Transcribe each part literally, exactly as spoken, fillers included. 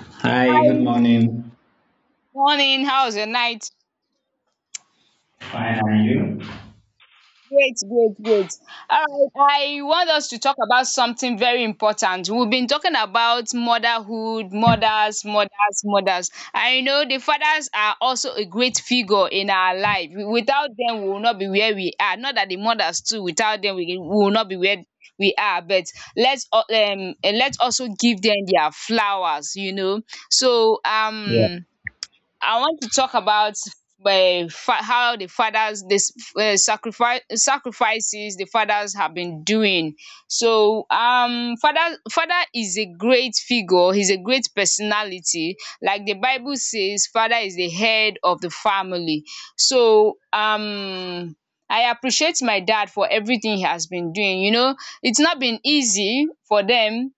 Hi, good Hi. morning. Morning, how's your night? Fine, and you? Great, great, great. All right, I want us to talk about something very important. We've been talking about motherhood, mothers, mothers, mothers. I know the fathers are also a great figure in our life. Without them, we will not be where we are. Not that the mothers too, without them, we we will not be where we are. But let's al- um eh, let's also give them their flowers, you know. So Yeah. um I want to talk about uh, fa- how the fathers this uh, sacrifice sacrifices the fathers have been doing. So um, father father is a great figure. He's a great personality. Like the Bible says, father is the head of the family. So um. I appreciate my dad for everything he has been doing. You know, it's not been easy for them.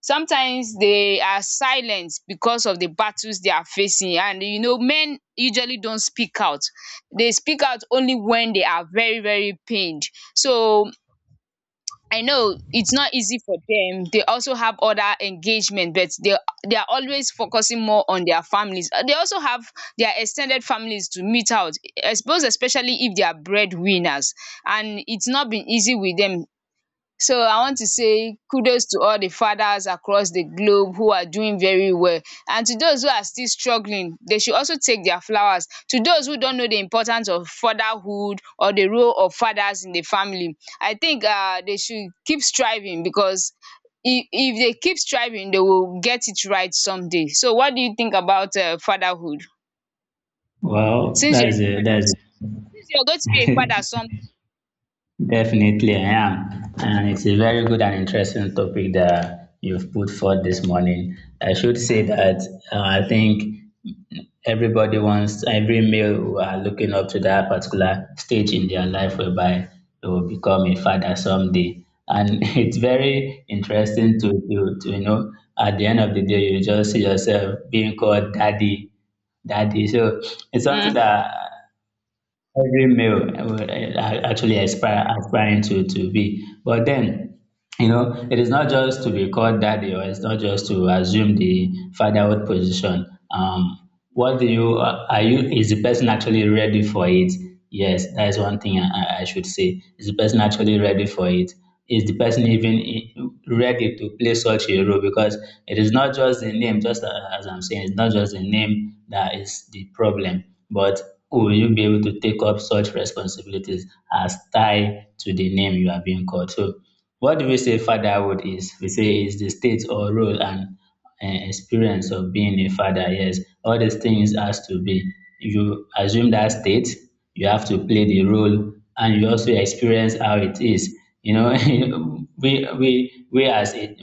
Sometimes they are silent because of the battles they are facing, and you know men usually don't speak out. They speak out only when they are very very pained. So I know it's not easy for them. They also have other engagement, but they they are always focusing more on their families. Uh, they also have their extended families to meet out, I suppose, especially if they are breadwinners, and it's not been easy with them. So I want to say kudos to all the fathers across the globe who are doing very well, and to those who are still struggling they should also take their flowers. To those who don't know the importance of fatherhood or the role of fathers in the family, I think uh they should keep striving, because if if they keep striving, they will get it right someday. So what do you think about um fatherhood, Well, since that you're is a a that father is too, since you're going to be a father a someday Definitely, I am. And it's a very good and interesting topic that you've put forth this morning. I should say that uh, I think everybody wants, every male are looking up to that particular stage in their life whereby they will become a father someday. And it's very interesting to, to, to, you know, at the end of the day, you just see yourself being called daddy daddy. So it's something um that every male would uh, actually aspire aspiring to to be. But then, you know, it is not just to be called daddy or it's not just to assume the fatherhood position. Um what do you, uh, are you, is the person actually ready for it? Yes, that is one thing I, I should say. Is the person actually ready for it? Is the person even i- ready to play such a role? Because it is not just the name, just a- as I'm saying, it's not just the name that is the problem, but will you be able to take up such responsibilities as tied to the name you are being called? So, what do we say fatherhood is? We say it's the state or role and um experience of being a father. Yes, all these things has to be, you assume that state, you have to play the role, and you also experience how it is. You know, we, we, we as a,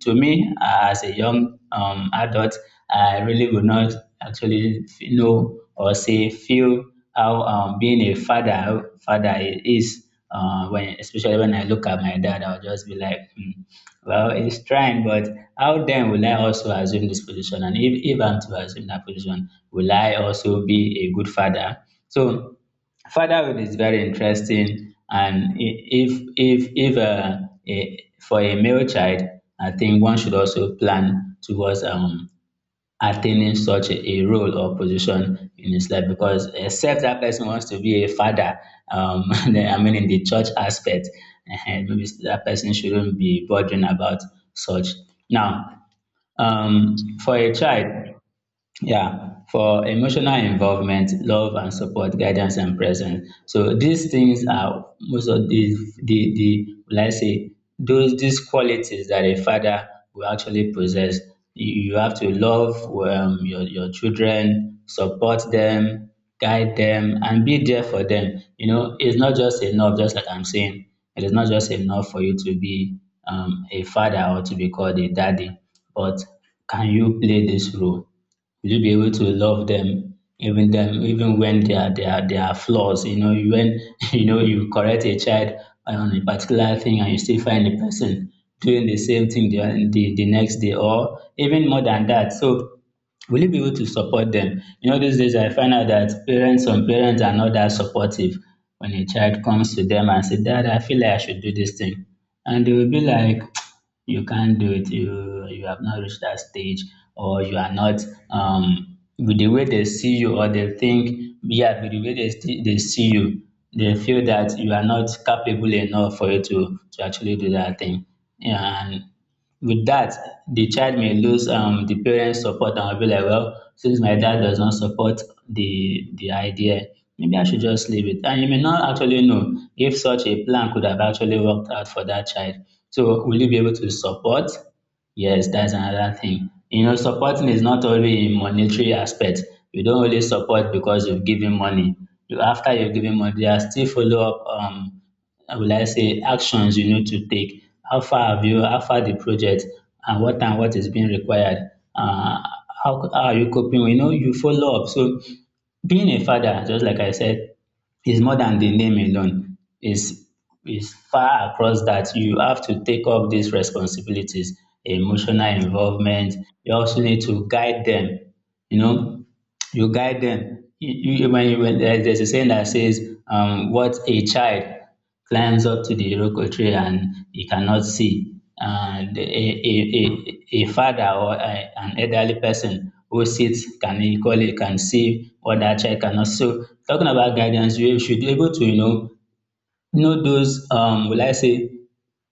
to me, as a young um, adult, I really would not actually know or say feel how um, being a father, father is. Uh, when, especially when I look at my dad, I'll just be like, hmm, "Well, he's trying, but how then will I also assume this position? And if, if I'm to assume that position, will I also be a good father?" So fatherhood is very interesting, and i- if if if uh, a, for a male child, I think one should also plan towards um attaining such a a role or position in his life, because except that person wants to be a father, um, then, I mean in the church aspect, and maybe that person shouldn't be bothering about such. Now, um, for a child, yeah, for emotional involvement, love and support, guidance and presence. So these things are most of the the the let's say those these qualities that a father will actually possess. You, you have to love um, your your children, support them, guide them, and be there for them. You know, it's not just enough. Just like I'm saying, it is not just enough for you to be um, a father or to be called a daddy, but can you play this role? Will you be able to love them even them even when they are they are they are flaws? You know, you- when you know, you correct a child on a particular thing and you still find a person doing the same thing the, the, the next day or even more than that. So will you be able to support them? You know, these days I find out that parents, some parents are not that supportive when a child comes to them and say, "Dad, I feel like I should do this thing." And they will be like, "You can't do it, you you have not reached that stage, or you are not um with the way they see you or they think, yeah, with the way they, see- they see you, they feel that you are not capable enough for you to, to actually do that thing." Yeah, and with that, the child may lose um, the parents' support and will be like, "Well, since my dad does not support the, the idea, maybe I should just leave it." And you may not actually know if such a plan could have actually worked out for that child. So, will you be able to support? Yes, that's another thing. You know, supporting is not only in monetary aspect. You don't only support because you've given money. You, after you've given money, there are still follow up, um, will I say, actions you need to take. How far have you, how far the project, and what and what is being required? Uh, how, how are you coping? You know, you follow up. So, being a father, just like I said, is more than the name alone. Is is far across that. You have to take up these responsibilities, emotional involvement. You also need to guide them. You know, you guide them. You, you, when you, when there's a saying that says, um, "What a child climbs up to the iroko tree and he cannot see, and a, a, a, a father or a, an elderly person who sits can equally can see what that child cannot." So talking about guidance, we should be able to, you know, you know those um will I say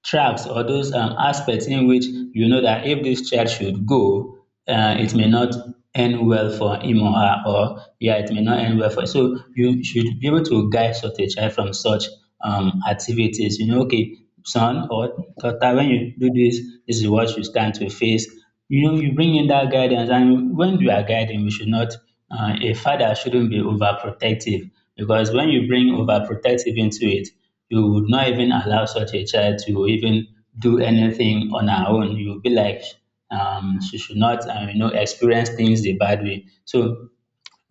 tracks or those um aspects in which you know that if this child should go, uh, it may not end well for him or her, or yeah, it may not end well for. So you should be able to guide such a child from such um activities. You know, okay, son or daughter, when you do this, this is what you stand to face. You know, you bring in that guidance. And when you are guiding, we should not, uh, a father shouldn't be overprotective, because when you bring overprotective into it, you would not even allow such a child to even do anything on her own. You'll be like, um, she should not, uh, you know, experience things the bad way. So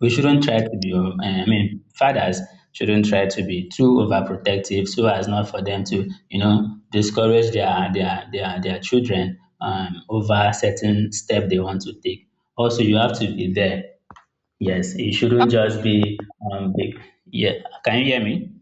we shouldn't try to be, um, eh, I mean, fathers shouldn't try to be too overprotective, so as not for them to, you know, discourage their their their their children um, over certain step they want to take. Also, you have to be there. Yes, it shouldn't just be um, big. Yeah, can you hear me?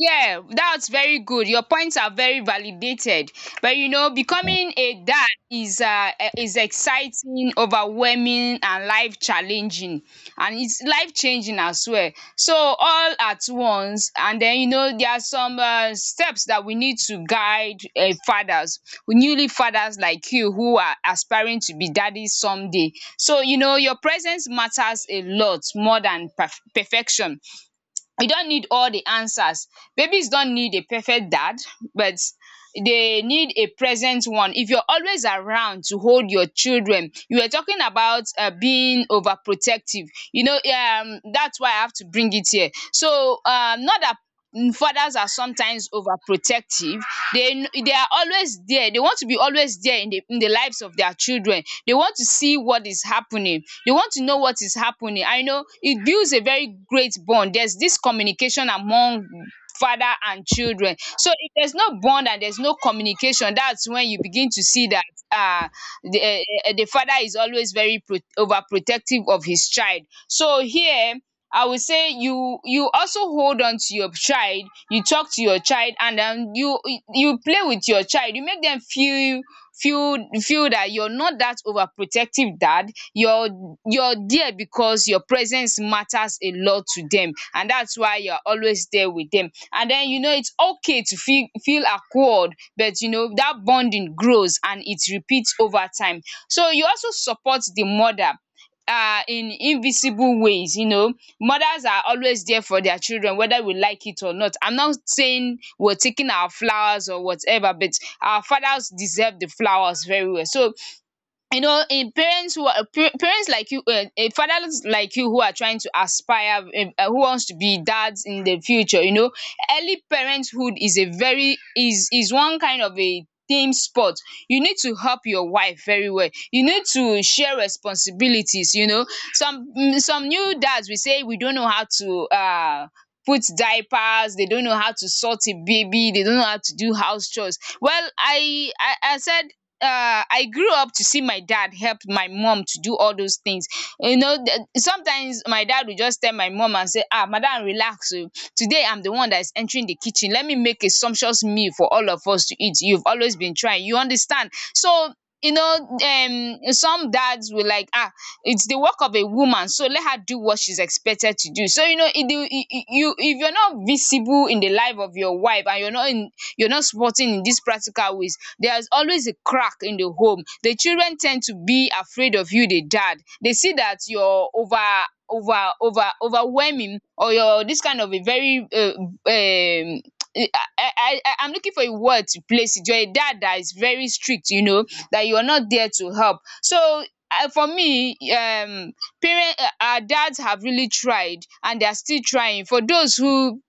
Yeah, that's very good. Your points are very validated. But you know, becoming a dad is uh, e- is exciting, overwhelming, and life challenging, and it's life changing as well. So all at once, and then you know there are some uh, steps that we need to guide uh, fathers, newly fathers like you who are aspiring to be daddies someday. So you know, your presence matters a lot more than perf- perfection. You don't need all the answers. Babies don't need a perfect dad, but they need a present one. If you're always around to hold your children — you were talking about um being overprotective. You know um that's why I have to bring it here. So um not that mm, fathers are sometimes overprotective. They they are always there. They want to be always there in the in the lives of their children. They want to see what is happening. They want to know what is is happening. I know it builds a very great bond. There's this communication among father and children. So if there's no bond and there's no communication, that's when you begin to see that uh, the, eh, eh, the father is always very pro- overprotective of his child. So here, I would say you you also hold on to your child, you talk to your child, and then you you play with your child. You make them feel feel feel that you're not that overprotective dad, you're you're there because your presence matters a lot to them, and that's why you're always there with them. And then you know it's okay to feel feel awkward, but you know that bonding grows and it repeats over time. So you also support the mother uh, in invisible ways. You know mothers are always there for their children whether we like it or not. I'm not saying we're taking our flowers or whatever, but our fathers deserve the flowers very well. So you know, in parents who are pa- parents like you, uh, uh, fathers like you who are trying to aspire, eh, uh, who wants to be dads in the future, you know, early parenthood is a very is is one kind of a team sport. You need to help your wife very well. You need to share responsibilities. You know, some mm, some new dads, we say we don't know how to uh put diapers. They don't know how to sort a baby. They don't know how to do house chores well. I i, I said uh, I grew up to see my dad help my mom to do all those things. You know, th- sometimes my dad would just tell my mom and say, "Ah, madam, relax. Oh. Today I'm the one that is entering the kitchen. Let me make a sumptuous meal for all of us to eat. You've always been trying. You understand?" So you know um some dads will like, ah, it's the work of a woman, so let her do what she's expected to do. So you know, it will, you, if you're not visible in the life of your wife and you're not in, you're not supporting in these practical ways, there's always a crack in the home. The children tend to be afraid of you, the dad. They see that you're over over over overwhelming, or you're this kind of a very uh, um I, I, I, I'm looking for a word to place it. You're a dad that is very strict, you know, that you're not there to help. So, uh, for me, um, parent, uh, our dads have really tried, and they are still trying. For those who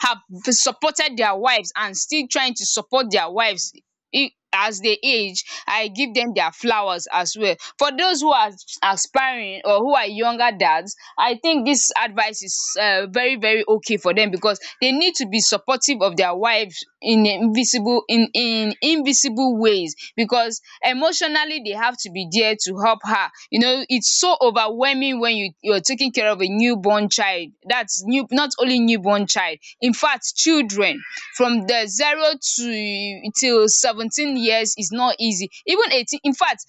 have supported their wives and still trying to support their wives, i- as they age, I give them their flowers as well. For those who are aspiring or who are younger dads, I think this advice is uh, very very okay for them, because they need to be supportive of their wives in invisible in in invisible ways, because emotionally they have to be there to help her. You know, it's so overwhelming when you you're taking care of a newborn child. That's new. Not only newborn child, in fact children from the zero to till seventeen years is not easy. Even eighteen, in fact.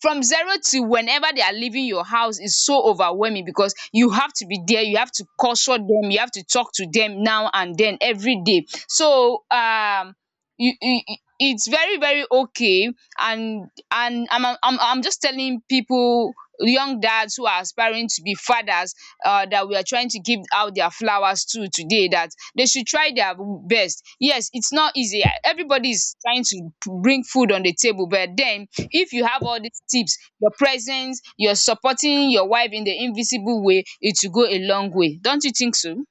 From zero to whenever they are leaving your house is so overwhelming, because you have to be there, you have to culture them, you have to talk to them now and then every day. So um you, you, you- it's very very okay. And and I'm, I'm i'm just telling people, young dads who are aspiring to be fathers, uh, that we are trying to give out their flowers to today, that they should try their best. Yes, it's not easy. Everybody is trying to bring food on the table, but then if you have all these tips, your presence, you're supporting your wife in the invisible way, it will go a long way. Don't you think so?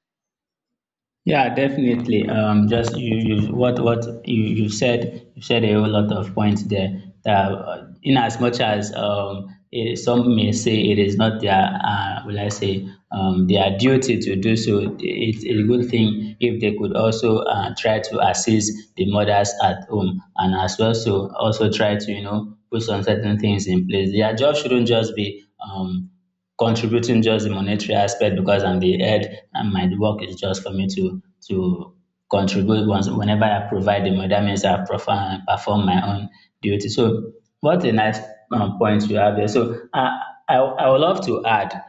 Yeah, definitely. Um, just you, you, what, what you, you said, you said a whole lot of points there. That uh, in as much as um, it, some may say it is not their, uh, will I say, um, their duty to do so. It's a good thing if they could also uh, try to assist the mothers at home, and as well, so also try to, you know, put some certain things in place. Their job shouldn't just be um, contributing just the monetary aspect, because I'm the head and my work is just for me to to contribute once. Whenever I provide the money, that means I perform, perform my own duty. So what a nice um, point you have there. So I, I, I would love to add,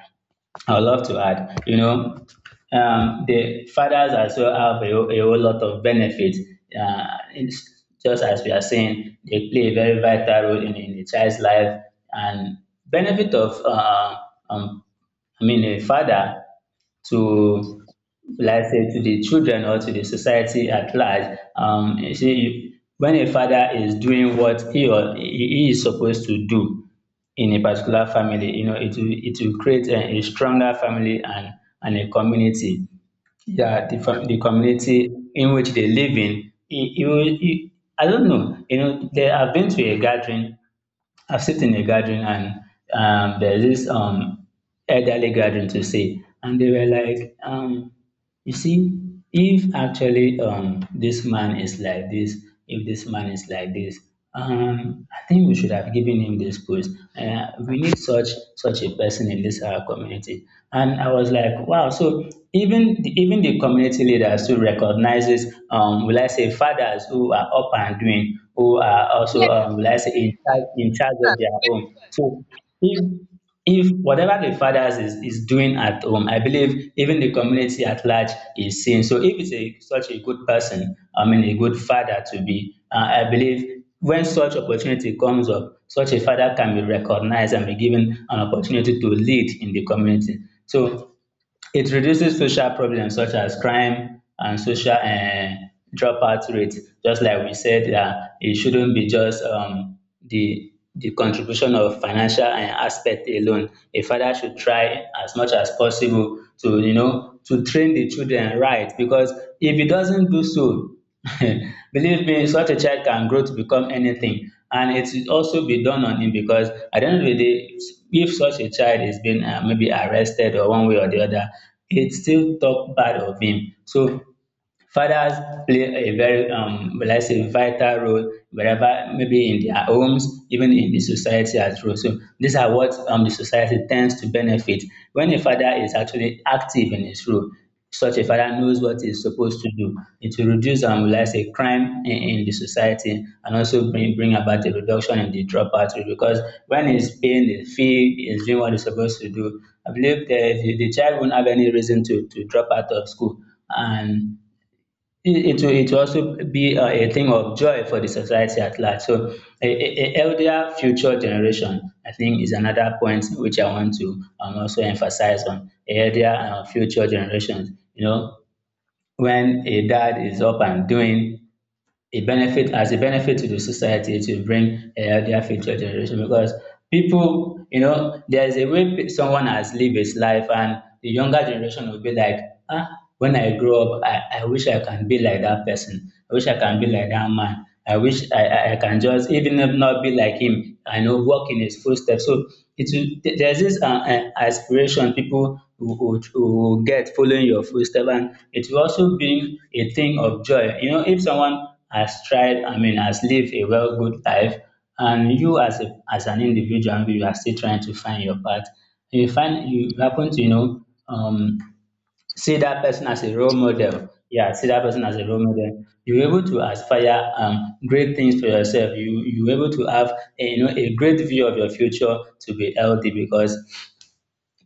I would love to add, you know, um, the fathers as well have a, whole- a whole lot of benefits. Uh, it's just as we are saying, they play a very vital role in, in the child's life. And benefit of, uh, um, I mean, a father to, let's say, to the children or to the society at large. Um, you see, you- when a father is doing what he or he he is supposed to do in a particular family, you know, it will, it will create a, a stronger family and, and a community. Yeah, the, fam- the community in which they live in. It, it will, it, I don't know. You know, they have been to a gathering, I've sit in a gathering, and um, there's this um, elderly gathering to say, and they were like, um, you see, if actually um, this man is like this, if this man is like this, um, I think we should have given him this post. Uh, we need such such a person in this our community. And I was like, wow. So even the, even the community leaders who recognizes, um, will I say, fathers who are up and doing, who are also Yeah. um, let's say in charge in charge of their home. So if if whatever the fathers is, is doing at home, I believe even the community at large is seeing. So if it's a such a good person, I mean a good father to be, uh, I believe when such opportunity comes up, such a father can be recognized and be given an opportunity to lead in the community. So it reduces social problems such as crime and social uh dropout rate. Just like we said, that it shouldn't be just um, the the contribution of financial um aspect alone. A father should try as much as possible to you know to train the children right, because if he doesn't do so, believe me, such a child can grow to become anything, and it should also be done on him, because at the end of the day, if such a child is being um maybe arrested or one way or the other, it still talk bad of him. So fathers play a very, um, let's say, vital role wherever, maybe in their homes, even in the society as well. So these are what um, the society tends to benefit when a father is actually active in his role. Such a father knows what he's supposed to do. It will reduce, um, let's say, crime in, in the society, and also bring, bring about a reduction in the dropout rate, because when he's paying the fee, he's doing what he's supposed to do. I believe the, the, the child won't have any reason to, to drop out of school, and it it will it will also be a a thing of joy for the society at large. So a a a healthier future generation, I think, is another point which I want to um also emphasize on. A healthier um future generation, you know, when a dad is up and doing, a benefit as a benefit to the society, it will bring a healthier future generation, because people you know there is a way pe- someone has lived his life, and the younger generation will be like, ah, when I grow up, i i wish I can be like that person, I wish I can be like that man, I wish I, I, can just, even if not be like him, I know walk in his footsteps. So it will, th- there's this uh, uh, aspiration, people who, who, who get following your footsteps, and it will also bring a thing of joy. You know, if someone has tried, I mean, has lived a well good life, and you as a, as an individual, you are still trying to find your path. You find you happen to you know um, see that person as a role model. Yeah, see that person as a role model. You're able to aspire um, great things for yourself. You you're able to have a, you know a great view of your future to be healthy, because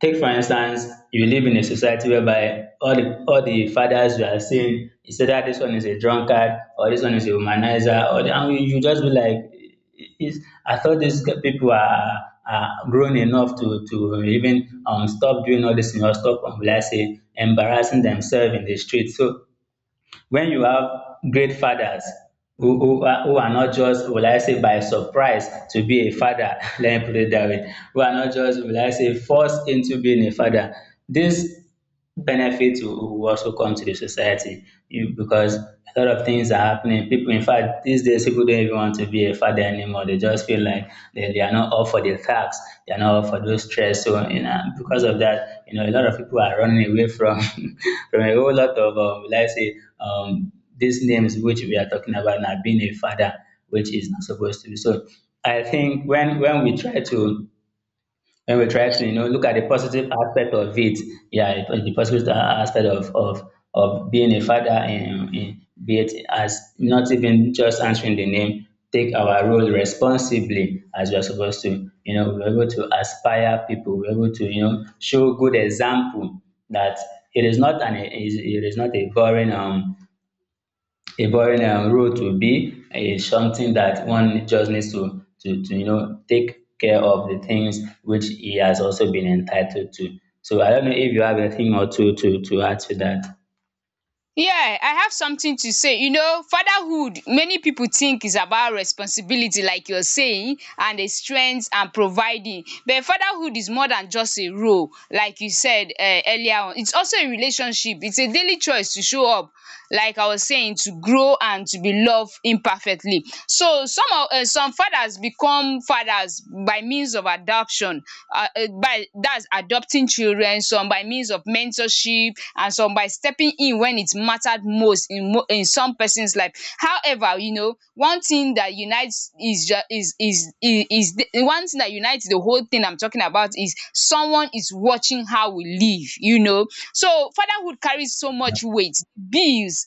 take for instance, you live in a society whereby all the all the fathers you are seeing is either this one is a drunkard or this one is a womanizer or the, and you, you just be like, is I thought these g- people are are grown enough to to even um stop doing all this thing or stop um will I say embarrassing themselves in the street. So when you have great fathers who, who, are, who are not just, will I say, by surprise to be a father, let me put it that way, who are not just, will I say, forced into being a father, this benefit will, will also come to the society you, because a lot of things are happening. People, in fact, these days, people don't even want to be a father anymore. They just feel like they, they are not up for the tax. They are not up for those stress. So, you know, because of that, you know, a lot of people are running away from from a whole lot of, um, let's say, um, these names which we are talking about now, being a father, which is not supposed to be. So, I think when when we try to, when we try to you know look at the positive aspect of it, yeah, the the positive a- aspect of of of being a father, and in be it as not even just answering the name, take our role responsibly as we are supposed to. You know, we're able to aspire people, we're able to you know show good example that it is not an it is, it is not a boring um a avoid um road will be, is something that one just needs to, to, to you know, take care of the things which he has also been entitled to. So I don't know if you have a thing or two to, to add to that. Yeah, I have something to say. You know, fatherhood, many people think, is about responsibility like you're saying, and the strength and providing. But fatherhood is more than just a role, like you said um earlier on. It's also a relationship. It's a daily choice to show up, like I was saying, to grow and to be loved imperfectly. So some of um some fathers become fathers by means of adoption, um by, that's, adopting children, some by means of mentorship, and some by stepping in when it mattered most most in mo in some person's life. However, you know, one thing that unites is ju is is is is the, one thing that unites the whole thing I'm talking about, is someone is watching how we live, you know. So fatherhood carries so much weight. Bills,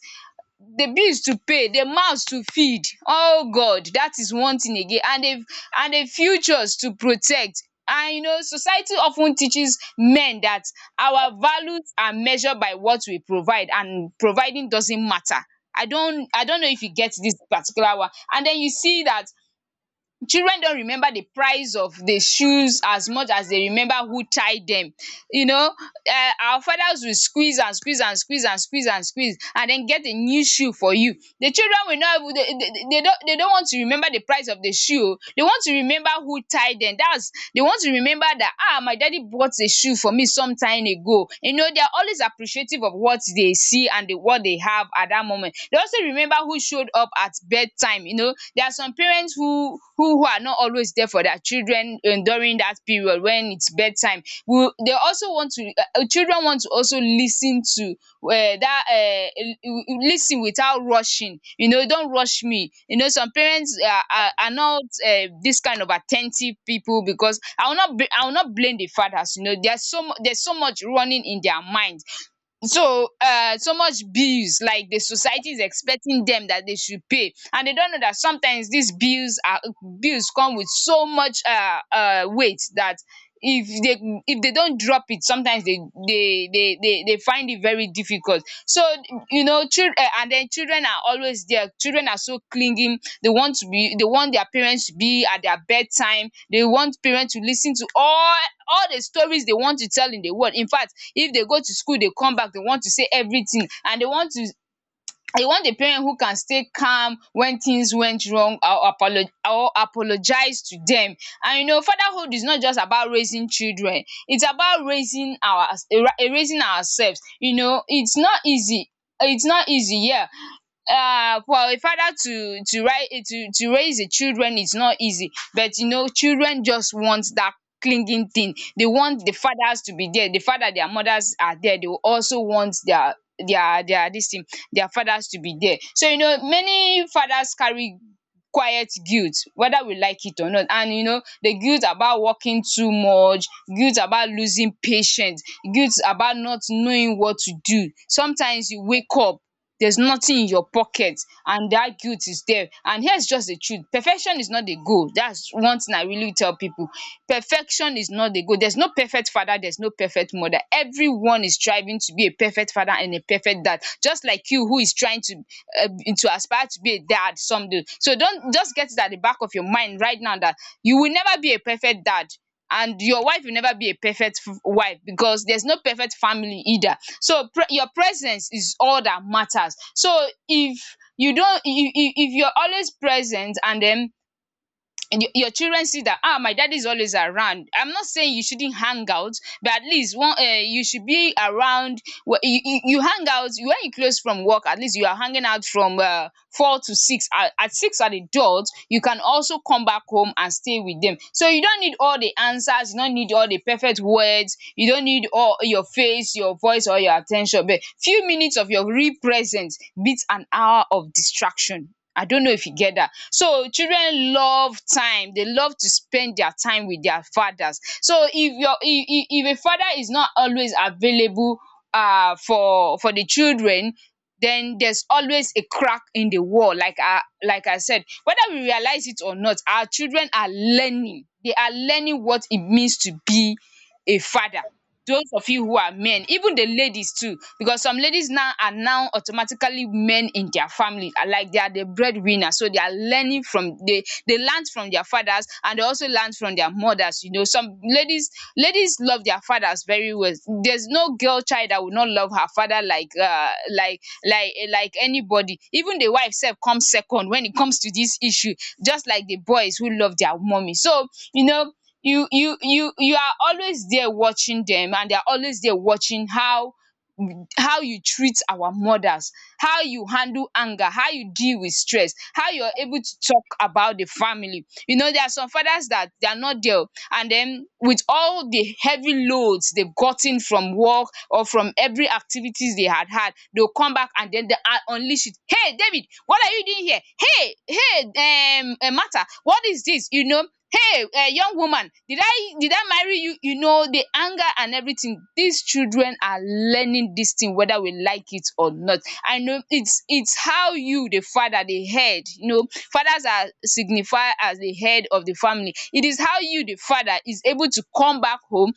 the bills to pay, the mouths to feed. Oh God, that is one thing again. And the and the futures to protect. And you know society of ten teaches men that our values are measured by what we provide, and providing doesn't matter. I don't I don't know if you get dis particular one. And den you see dat children don't remember the price of the shoes as much as they remember who tied them. You know, um our fathers will squeeze and squeeze and squeeze and squeeze and squeeze, and then get a new shoe for you. The children will not even, they they they don't they don't want to remember the price of the shoe. They want to remember who tied them. That's, they want to remember that ah, my daddy bought a shoe for me some time ago. You know, they are always appreciative of what they see and the what they have at that moment. They also remember remember who showed up at bedtime. You know, there are some parents who who who are not always there for their children um during that period when it's bedtime. We, they also want to, um children want to also lis ten to, um that um lis ten without rushing. You know, don't rush me. You know, some parents are are are not um this kind of at ten tive people, because I will not bl- I will not blame the fathers. You know, there's so much, there's so much running in their mind. So um so much bills, like the society is expecting them that they should pay, and they don't know that sometimes these bills are, bills come with so much uh uh weight that if they if they don't drop it, sometimes they, they they they they find it very difficult. So you know, children, eh, and then children are always there, children are so clinging. They want to be, they want their parents to be at their bedtime. They want parents to listen to all all the stories they want to tell in the world. In fact, if they go to school, they come back, they want to say everything, and they want to, I want a parent who can stay calm when things went wrong, or apolo or apologize to them. And you know, fatherhood is not just about raising children, it's about raising our, raising ourselves. You know, it's not easy, it's not easy, yeah. Um for a father to to rai to to raise the children is not easy, but you know, children just want that clinging thing. They want the fathers to be there, the father, their mothers are there, they will also want their, their their this thing, their fathers to be there. So you know, many fathers carry quiet guilt, whether we like it or not. And you know, the guilt about working too much, guilt about losing patience, guilt about not knowing what to do. Sometimes you wake up, there's nothing in your pocket, and that guilt is there. And here's just the truth: perfection is not the goal. That's one thing I really tell people. Perfection is not the goal. There's no perfect father, there's no perfect mother. Everyone one is striving to be a perfect father and a perfect dad, just like you, who is trying to uh, to aspire to be a dad someday. So don't just get it at the back of your mind right now, that you will never be a perfect dad, and your wife will never be a perfect f- wife, because there's no perfect family either. So pre- your presence is all that matters. So if you don't, if, if if you're always present, and then, and your your children see that, ah, my daddy is always around. I'm not saying you shouldn't hang out, but at least one, uh, you should be around. Wh- you, you, you hang out when you close from work. At least you are hanging out from uh, four to six, at, at six at adults, you can also come back home and stay with them. So you don't need all the answers, you don't need all the perfect words, you don't need all your face, your voice or your attention. But few minutes of your real presence beats an hour of distraction. I don't know if you get that. So children love time. They love to spend their time with their fathers. So if your if, if if a father is not always available uh for for the children, then there's always a crack in the wall. Like I like I said, whether we realize it or not, our children are learning. They are learning what it means to be a father. Those of you who are men, even the ladies too, because some ladies now are now automatically men in their family, are like they are the breadwinner. So they are learning from, they they learned from their fathers, and they also learned from their mothers. You know, some ladies, ladies love their fathers very well. There's no girl child that will not love her father, like uh like like eh, like anybody. Even the wife self comes second when it comes to this issue, just like the boys who love their mommy. So you know, you you you you are always there watching them, and they are always there watching how how you treat our mothers, how you handle anger, how you deal with stress, how you're able to talk about the family. You know, there are some fathers that they are not there, and then with all the heavy loads they've gotten from work or from every activities they had had, they'll come back and then they are unleash it. Hey David, what are you doing here? Hey, hey, um eh, Martha, what is this? You know, hey, um young woman, did i did I marry you? You know, the anger and everything, these children are learning this thing, whether we like it or not. I know it's it's how you, the father, the head. You know, fathers are signified as the head of the family. It is how you the father is able to come back home,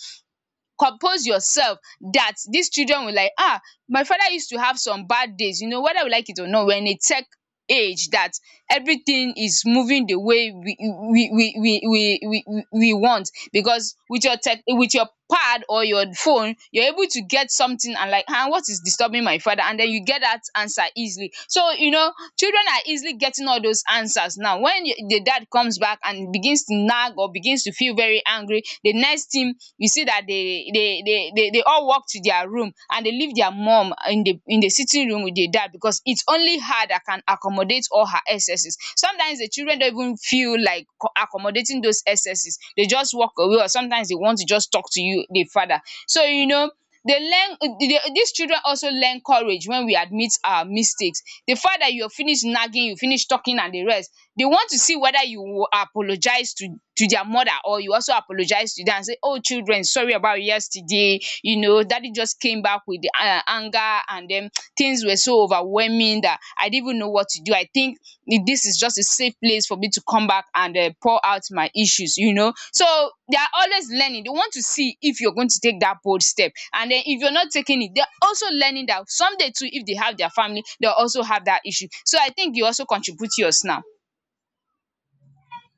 compose yourself, that these children will like, ah, my father used to have some bad days. You know, whether we like it or not, when a tech age, that everything is moving the way we we we we we we we we want. Because with your tech, with your pad or your phone, you're able to get something, and like, ah, what is disturbing my father? And then you get that answer easily. So you know, children are easily getting all those answers now. When y- the dad comes back and begins to nag or begins to feel very angry, the next thing you see that they they they they, they all walk to their room, and and dey leave their mom in the, in the sitting room with their dad, because it's only her that can accommodate all her excesses. Sometimes the children don't even feel like co- accommodating those excesses. They just walk away, or sometimes they want to just talk to you, the father. So you know, they learn uh, they, these children also learn courage when we admit our mistakes. The fact that you finish nagging, you finish talking, and the rest, they want to see whether you will apologize to to their mother, or you also apologize to them and say, oh children, sorry about yesterday, you know, daddy just came back with um anger, and then things were so overwhelming that I didn't even know what to do. I think this is just a safe place for me to come back and um pour out my issues. You know, so they are always learning. They want to see if you're going to take that bold step, and then if you're not taking it, they're also learning that someday too, if they have their family, they'll also have that issue. So I think you also contribute yours now.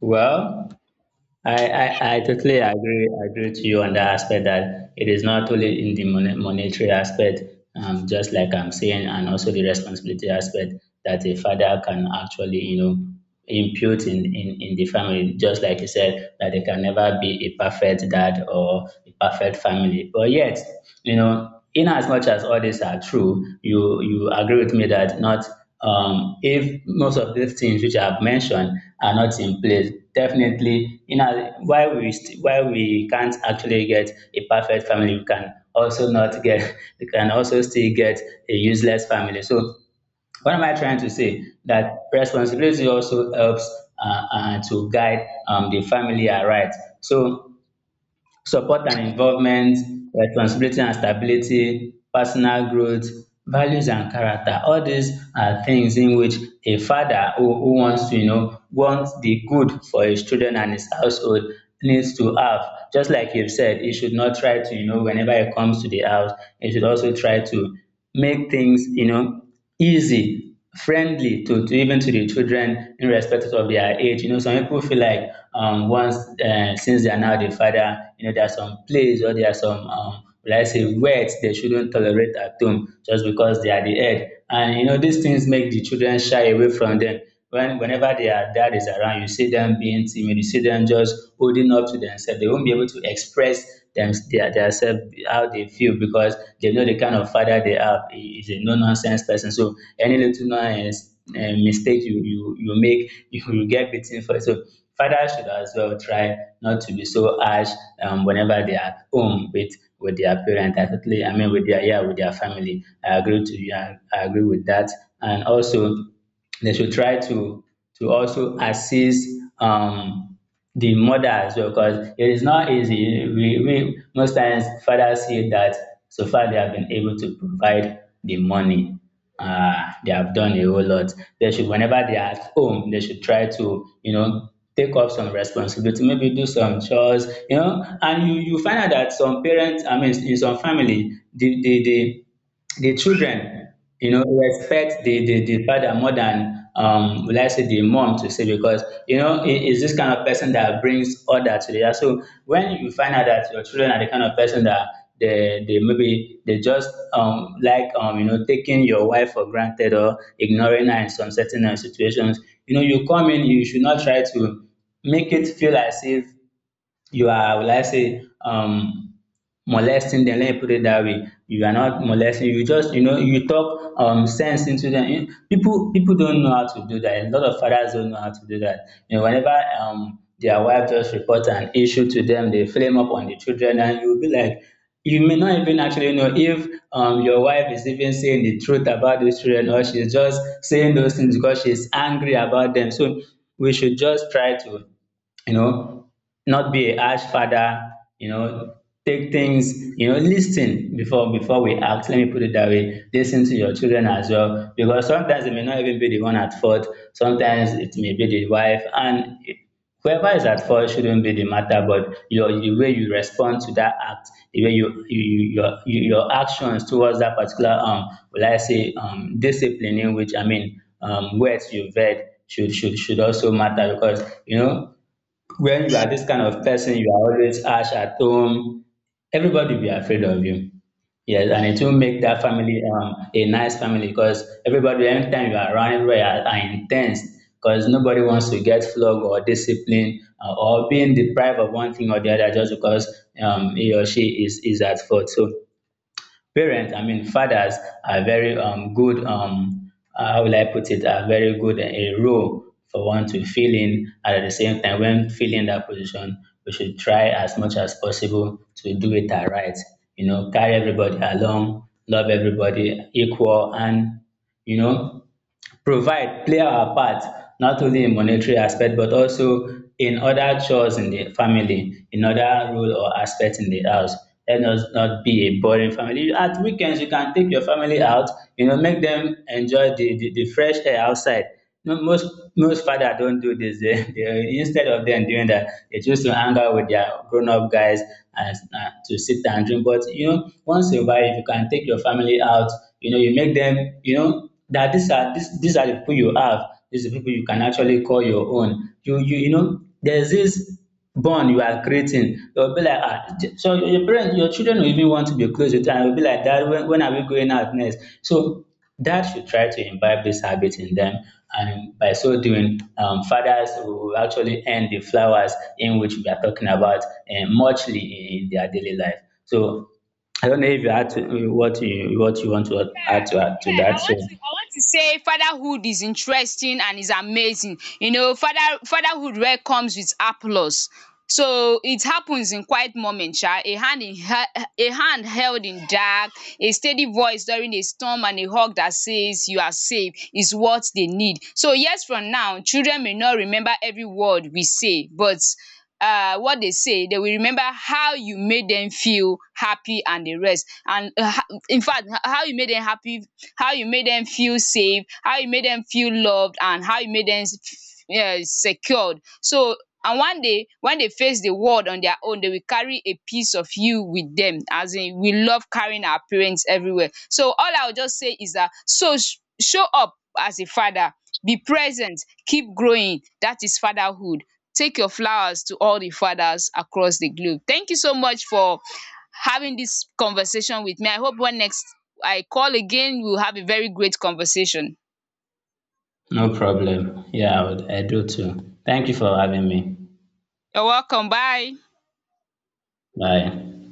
Well, I, I, I totally agree agree with you on that aspect, that it is not only in the mon- monetary aspect, um, just like I'm saying, and also the responsibility aspect that a father can actually, you know, impute in, in, in the family. Just like you said, that they can never be a perfect dad or a perfect family. But yet, you know, in as much as all these are true, you you agree with me that not, um, if most of these things which I've mentioned are not in place, definitely, you know, while we st- while we can't actually get a perfect family, we can also not get, we can also still get a useless family. So what am I trying to say? That responsibility also helps uh, uh, to guide um, the family aright. So support and involvement, responsibility and stability, personal growth, values and character. All these are things in which a father who, who wants to, you know, wants the good for his children and his household needs to have. Just like you've said, he should not try to, you know, whenever he comes to the house, he should also try to make things, you know, easy friendly to, to even to the children, irrespective of their age. you know some people feel like um once, uh, since they are now the father, you know there are some plays or there are some um like I say words they shouldn't tolerate at home, just because they are the head, and you know these things make the children shy away from them. When whenever their dad is around, you see them being timid, you see them just holding up to themselves. They won't be able to express them their, their self how they feel, because they know the kind of father they have. He is a no nonsense person. So any little nonsense uh, mistake you you you make, you will get beaten for it. So fathers should as well try not to be so harsh, um, whenever they are at home with with their parent. I totally, I mean, with their, yeah, with their family. I agree to you. I, I agree with that. And also they should try to to also assist, um, the mother as well, because it is not easy. We, we most times fathers say that so far they have been able to provide the money. Uh, they have done a whole lot. They should, whenever they are at home, they should try to, you know take up some responsibility, maybe do some chores, you know. And you you find out that some parents, I mean, in some family, the the the the children you know, respect the, the, the father more than, um, will I say the mom to say, because, you know, it is this kind of person that brings order to the house. So when you find out that your children are the kind of person that they, they maybe they just um, like, um, you know, taking your wife for granted or ignoring her in some certain uh, situations, you know, you come in, you should not try to make it feel as if you are will I say um molesting them. Let me put it that way, you are not molesting, you just you know you talk um sense into them. You- people people don't know how to do that. A lot of fathers don't know how to do that. You know, whenever um their wife just report an issue to them, they flame up on the children, and you'll be like, you may not even actually know if, um, your wife is even saying the truth about these children, or she's just saying those things because she's angry about them. So we should just try to, you know, not be a harsh father, you know, take things, you know, listen before before we act. Let me put it that way. Listen to your children as well, because sometimes it may not even be the one at fault. Sometimes it may be the wife, and whoever is at fault shouldn't be the matter, but your the way you respond to that act, the way you, you your your actions towards that particular, um will I say, um discipline in which, I mean, um words you've heard, should should should also matter, because you know when you are this kind of person, you are always harsh at home, everybody will be afraid of you. Yes, and it will make that family, um, a nice family, because everybody, anytime you are around, everybody are, are intense, because nobody wants to get flogged or disciplined, uh, or being deprived of one thing or the other, just because, um, he or she is, is at fault. So parents, I mean fathers, are very, um, good, um, uh, how will I put it, are very good in a role for one to fill in. And at the same time, when filling that position, we should try as much as possible to do it right. You know, carry everybody along, love everybody equal, and you know provide play our part, not only in monetary aspect, but also in other chores in the family, in other role or aspect in the house. Let us not be a boring family. At weekends, you can take your family out, you know, make them enjoy the the, the fresh air outside. No, most most father don't do this. They, they instead of them doing that, they choose to hang out with their grown-up guys, and, uh, to sit and drink. But you know once in a while, if you can take your family out, you know, you make them you know that these are these, these are the people you have, these are the people you can actually call your own. You you you know, there's this bond you are creating. You'll be like, ah, so your parents, your children will even want to be close with you, and you'll be like, Dad, when, when are we going out next? So dad should try to imbibe this habit in them, and by so doing, um, fathers will actually end the flowers in which we are talking about and muchly in in their daily life. So I don't know if you add to, what you what you want to add to add Yeah, to yeah. that. I want So to I want to say fatherhood is interesting and is amazing. You know, father fatherhood where comes with applause. So it happens in quiet moment, sha. A hand in he- a hand held in dark, a steady voice during a storm, and a hug that says you are safe, is what they need. So years from now, children may not remember every word we say, but uh what they say they will remember how you made them feel happy and the rest, and infact how you made them happy, how you made them feel safe, how you made them feel loved, and how you made them um secured. So, and one day, when they face the world on their own, they will carry a piece of you with them. As in, we love carrying our parents everywhere. So all I will just say is that, so sh- show up as a father, be present, keep growing. That is fatherhood. Take your flowers to all the fathers across the globe. Thank you so much for having this conversation with me. I hope when next I call again, we'll have a very great conversation. no problem. Yeah, I would. I do too. Thank you for having me. You're welcome. Bye. Bye.